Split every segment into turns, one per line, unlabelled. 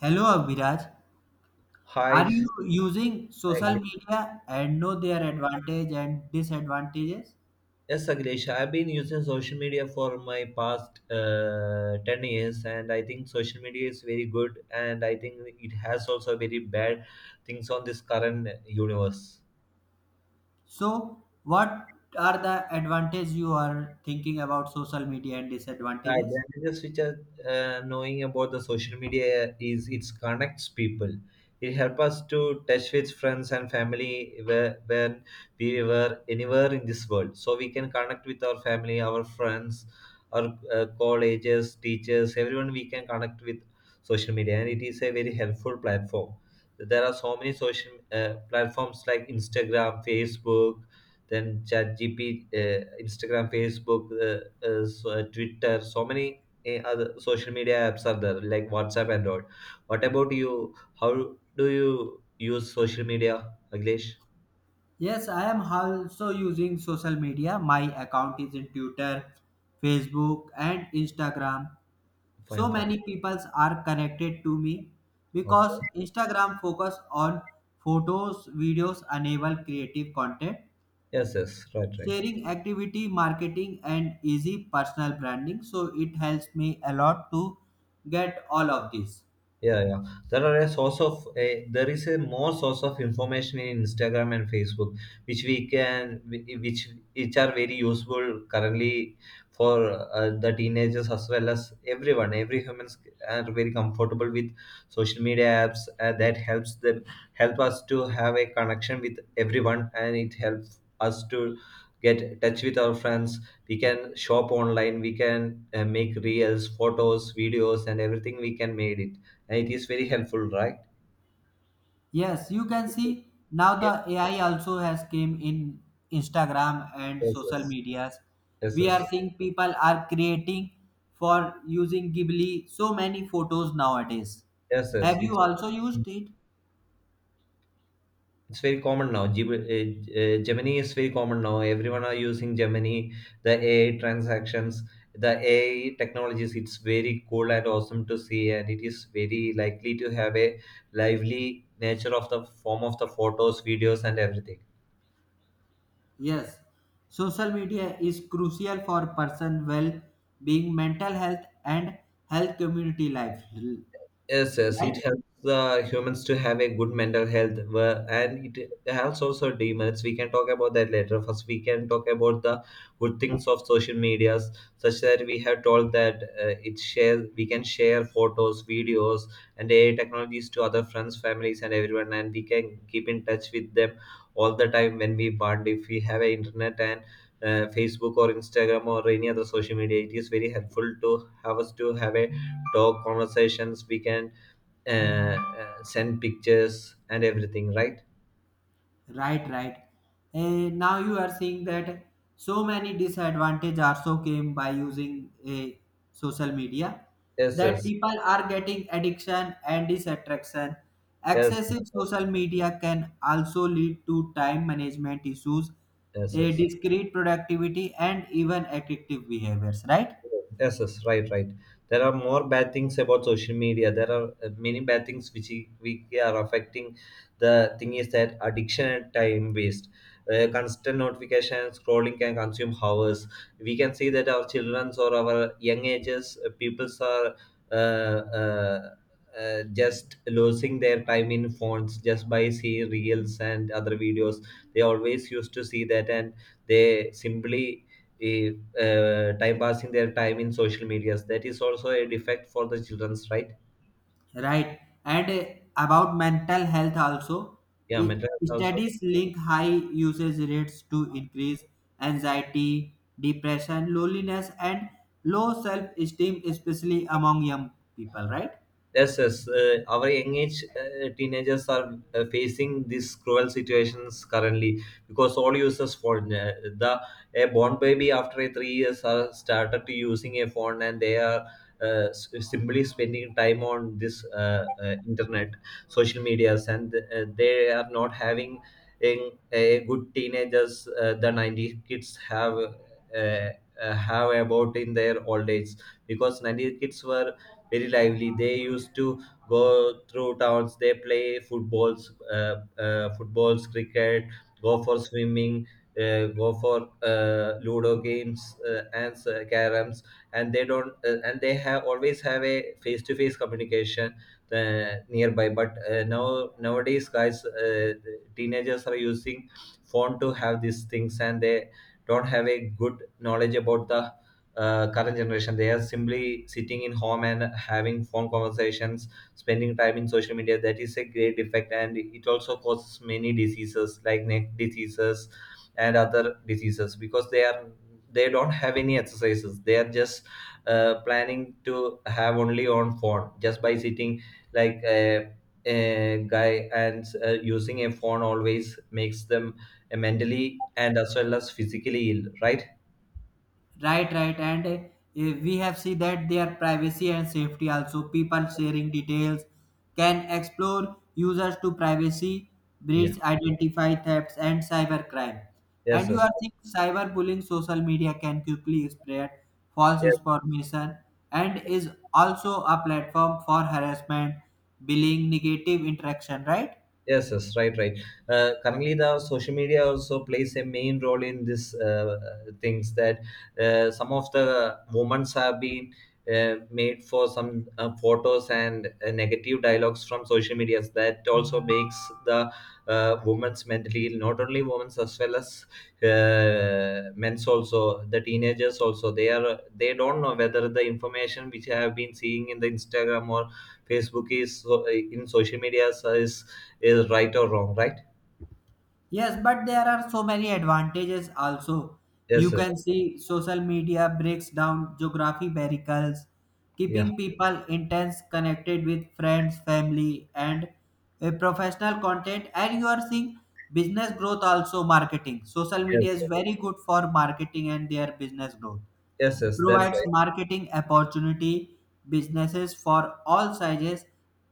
Hello Abhiraj,
Hi,
are you using social
Aglesh.
media and know their advantage and disadvantages?
Yes, Aglesh. I've been using social media for my past 10 years, and I think social media is very good, and I think it has also very bad things on this current universe.
So, what are the advantages you are thinking about social media and
Right,
disadvantages?
the advantages which are knowing about the social media is it connects people. It helps us to touch with friends and family where when we were anywhere in this world. So we can connect with our family, our friends, our colleges, teachers, everyone we can connect with social media, and it is a very helpful platform. There are so many social platforms like Instagram, Facebook, then ChatGPT, Instagram, Facebook, Twitter, so many other social media apps are there, like WhatsApp and all. What about you? How do you use social media, Aglesh?
Yes, I am also using social media. My account is in Twitter, Facebook, and Instagram.
Fine,
So
fine.
many people are connected to me because
Okay.
Instagram focus on photos, videos, enable creative content
Yes, yes, right, right.
sharing activity marketing and easy personal branding, so it helps me a lot to get all of this.
Yeah, yeah. There are a source of a there is a more source of information in Instagram and Facebook, which we can which are very useful currently for the teenagers as well as everyone. Every humans are very comfortable with social media apps that help us to have a connection with everyone, and it helps us to get in touch with our friends. We can shop online, we can make reels, photos, videos, and everything we can made it. It is very helpful, right?
Yes, you can see now the
Yes,
AI also has came in Instagram and
yes,
social
yes,
medias.
yes,
We are
yes.
seeing people are creating for using Ghibli so many photos nowadays.
Yes. Yes.
Have you
It's
also used it?
it's very common now. Gemini is very common now. Everyone are using Gemini, the AI transactions, the AI technologies. It's very cool and awesome to see, and it is very likely to have a lively nature of the form of the photos, videos, and everything.
Yes, social media is crucial for person well being, mental health, and health community life.
Yes, yes,
Right,
it helps humans to have a good mental health, and it helps also demerits. We can talk about that later. First, we can talk about the good things of social medias, such that we have told that it share we can share photos, videos, and AI technologies to other friends, families, and everyone, and we can keep in touch with them all the time when we want. If we have a internet and Facebook or Instagram or any other social media, it is very helpful to have us to have a talk conversations. We can send pictures and everything, right?
right, right. And now you are seeing that so many disadvantage also came by using a social media,
Yes,
that
yes,
people are getting addiction and disattraction.
yes,
Excessive social media can also lead to time management issues,
yes,
a
yes.
discrete productivity, and even addictive behaviors. Right?
Yes, yes, right, right. There are more bad things about social media. There are many bad things which we are affecting. The thing is that addiction and time waste. Constant notification and scrolling can consume hours. We can see that our childrens or our young ages peoples are uh, uh, just losing their time in phones just by seeing reels and other videos. They always used to see that, and they simply. eh, Time passing their time in social medias. That is also a defect for the children's, right.
Right. And about mental health also,
Yeah,
i-
mental health also.
studies link high usage rates to increase anxiety, depression, loneliness, and low self esteem, especially among young people, right?
Yes, yes. Our young age teenagers are facing these cruel situations currently because all users phone. The A born baby after a 3 years are started to using a phone, and they are simply spending time on this internet, social medias, and they are not having a good teenagers. The 90 kids uh, have about in their old age because 90s kids were very lively. They used to go through towns, they play footballs, footballs, cricket, go for swimming, go for ludo games, and caroms, and they don't and they have always have a face to face communication nearby. But now nowadays, guys, teenagers are using phone to have these things, and they don't have a good knowledge about the current generation. They are simply sitting in home and having phone conversations, spending time in social media. That is a great effect, and it also causes many diseases like neck diseases and other diseases because they don't have any exercises. They are just planning to have only on phone just by sitting like a guy, and using a phone always makes them mentally and as well as physically ill, right?
Right, right. And we have seen that their privacy and safety also. People sharing details can explore users to privacy,
Yeah,
breach, identify thefts, and cybercrime. And
yes,
you are seeing cyberbullying, social media can quickly spread false
yes.
information and is also a platform for harassment, bullying, negative interaction, right?
Yes, yes, right, right. Currently, the social media also plays a main role in this things that some of the moments have been made for some photos and negative dialogues from social medias. That also makes the women's mentally ill. Not only women's, as well as men's also. The teenagers also. They don't know whether the information which I have been seeing in the Instagram or Facebook is so, in social medias is right or wrong, right?
Yes, but there are so many advantages also. You
Yes, yes,
can see social media breaks down geography barriers,
yeah,
keeping people intense connected with friends, family, and professional content. And you are seeing business growth also marketing. Social
yes,
media is
sir.
very good for marketing and their business growth.
Yes, yes. That's
Provides
right.
marketing opportunity businesses for all sizes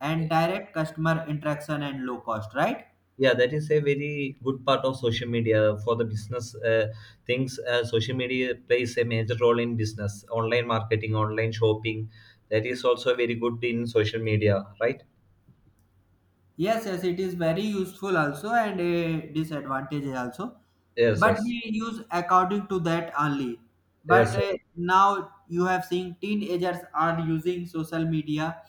and direct customer interaction and low cost, right?
Yeah, that is a very good part of social media for the business things. Social media plays a major role in business, online marketing, online shopping. That is also very good in social media, right?
Yes, yes, it is very useful also and a disadvantage also.
Yes,
But
yes,
we use according to that only. But
yes, yes,
now you have seen teenagers are using social media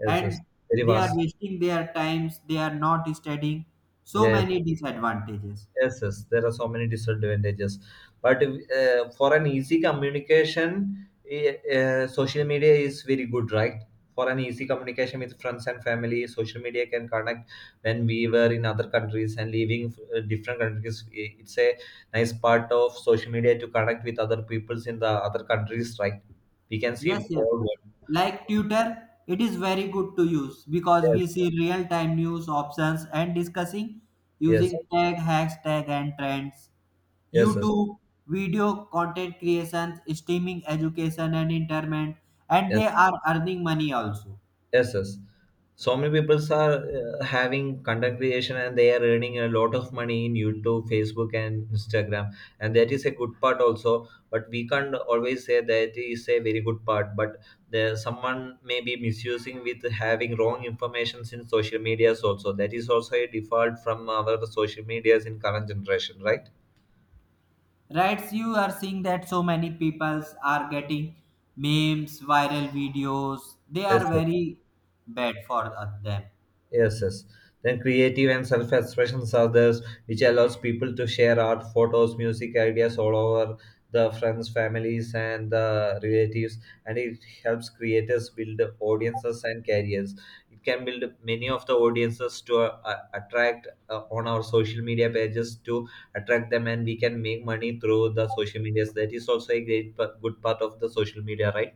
yes,
and
yes. Very
they are
vast.
wasting their times, they are not studying. So
Yes.
many disadvantages.
Yes, yes, there are so many disadvantages. But for an easy communication, social media is very good, right? For an easy communication with friends and family, social media can connect when we were in other countries and leaving different countries. It's a nice part of social media to connect with other peoples in the other countries, right? We can see
Yes, yes.
all.
Like Twitter, it is very good to use because
Yes,
we see real time news options and discussing
yes,
using tag, hashtags, and trends.
yes, yes,
YouTube, video content creations, streaming education and entertainment, and
yes.
they are earning money also.
Yes, yes. So many people are having content creation, and they are earning a lot of money in YouTube, Facebook, and Instagram. And that is a good part also. But we can't always say that is a very good part. But there, someone may be misusing with having wrong information in social medias also. That is also a default from our social medias in current generation, right?
Right? So you are seeing that so many people are getting memes, viral videos. They are
Yes.
very bad for them.
Yes, yes. Then creative and self-expression are those which allows people to share art, photos, music, ideas all over the friends, families, and the relatives, and it helps creators build audiences and careers. It can build many of the audiences to attract on our social media pages to attract them, and we can make money through the social medias. That is also a great, good part of the social media, right?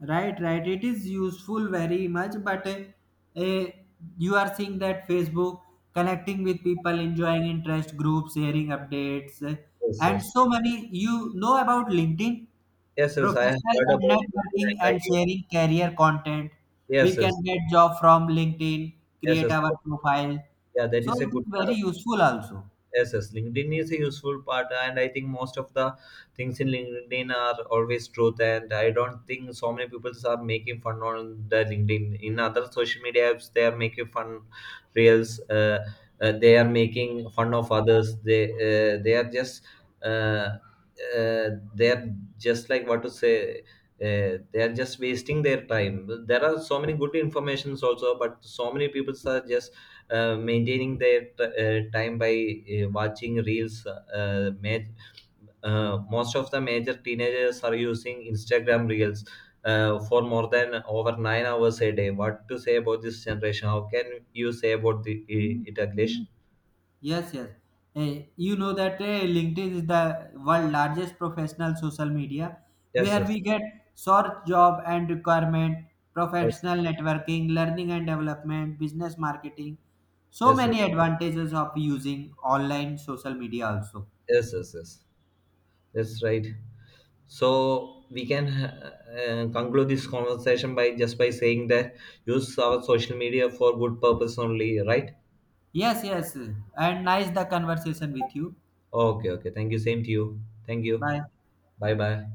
Right, right. It is useful very much, but you are seeing that Facebook connecting with people, enjoying interest groups, sharing updates,
Yes,
and
yes.
so many. You know about LinkedIn?
Yes, yes. I have
Professional
heard
and
about it,
networking
and
and
I-
sharing career content. We
Yes, yes.
can get job from LinkedIn,
Yes,
create
yes.
our profile.
Yeah, that
So
is a
it is
good part
very
of.
useful also.
Yes, yes. LinkedIn is a useful part, and I think most of the things in LinkedIn are always truth. And I don't think so many people are making fun on the LinkedIn. In other social media apps, they are making fun reels. They are making fun of others. They are just uh, they are just, like, what to say. They are just wasting their time. There are so many good informations also, but so many people are just maintaining their time by watching reels. Most of the major teenagers are using Instagram reels for more than over 9 hours a day. What to say about this generation? How can you say about the, it, Aglesh?
Yes, yes. Eh, you know that eh, LinkedIn is the world largest professional social media
Yes,
where
yes,
we get search job and requirement,
yes,
professional networking, learning and development, business marketing. So
yes, yes,
many advantages of using online social media also.
yes, yes, yes. That's right. So we can conclude this conversation by just by saying that use our social media for good purpose only, right?
Yes, yes. And nice the conversation with you.
Okay, okay. Thank you. Same to you. Thank you.
Bye.
Bye bye.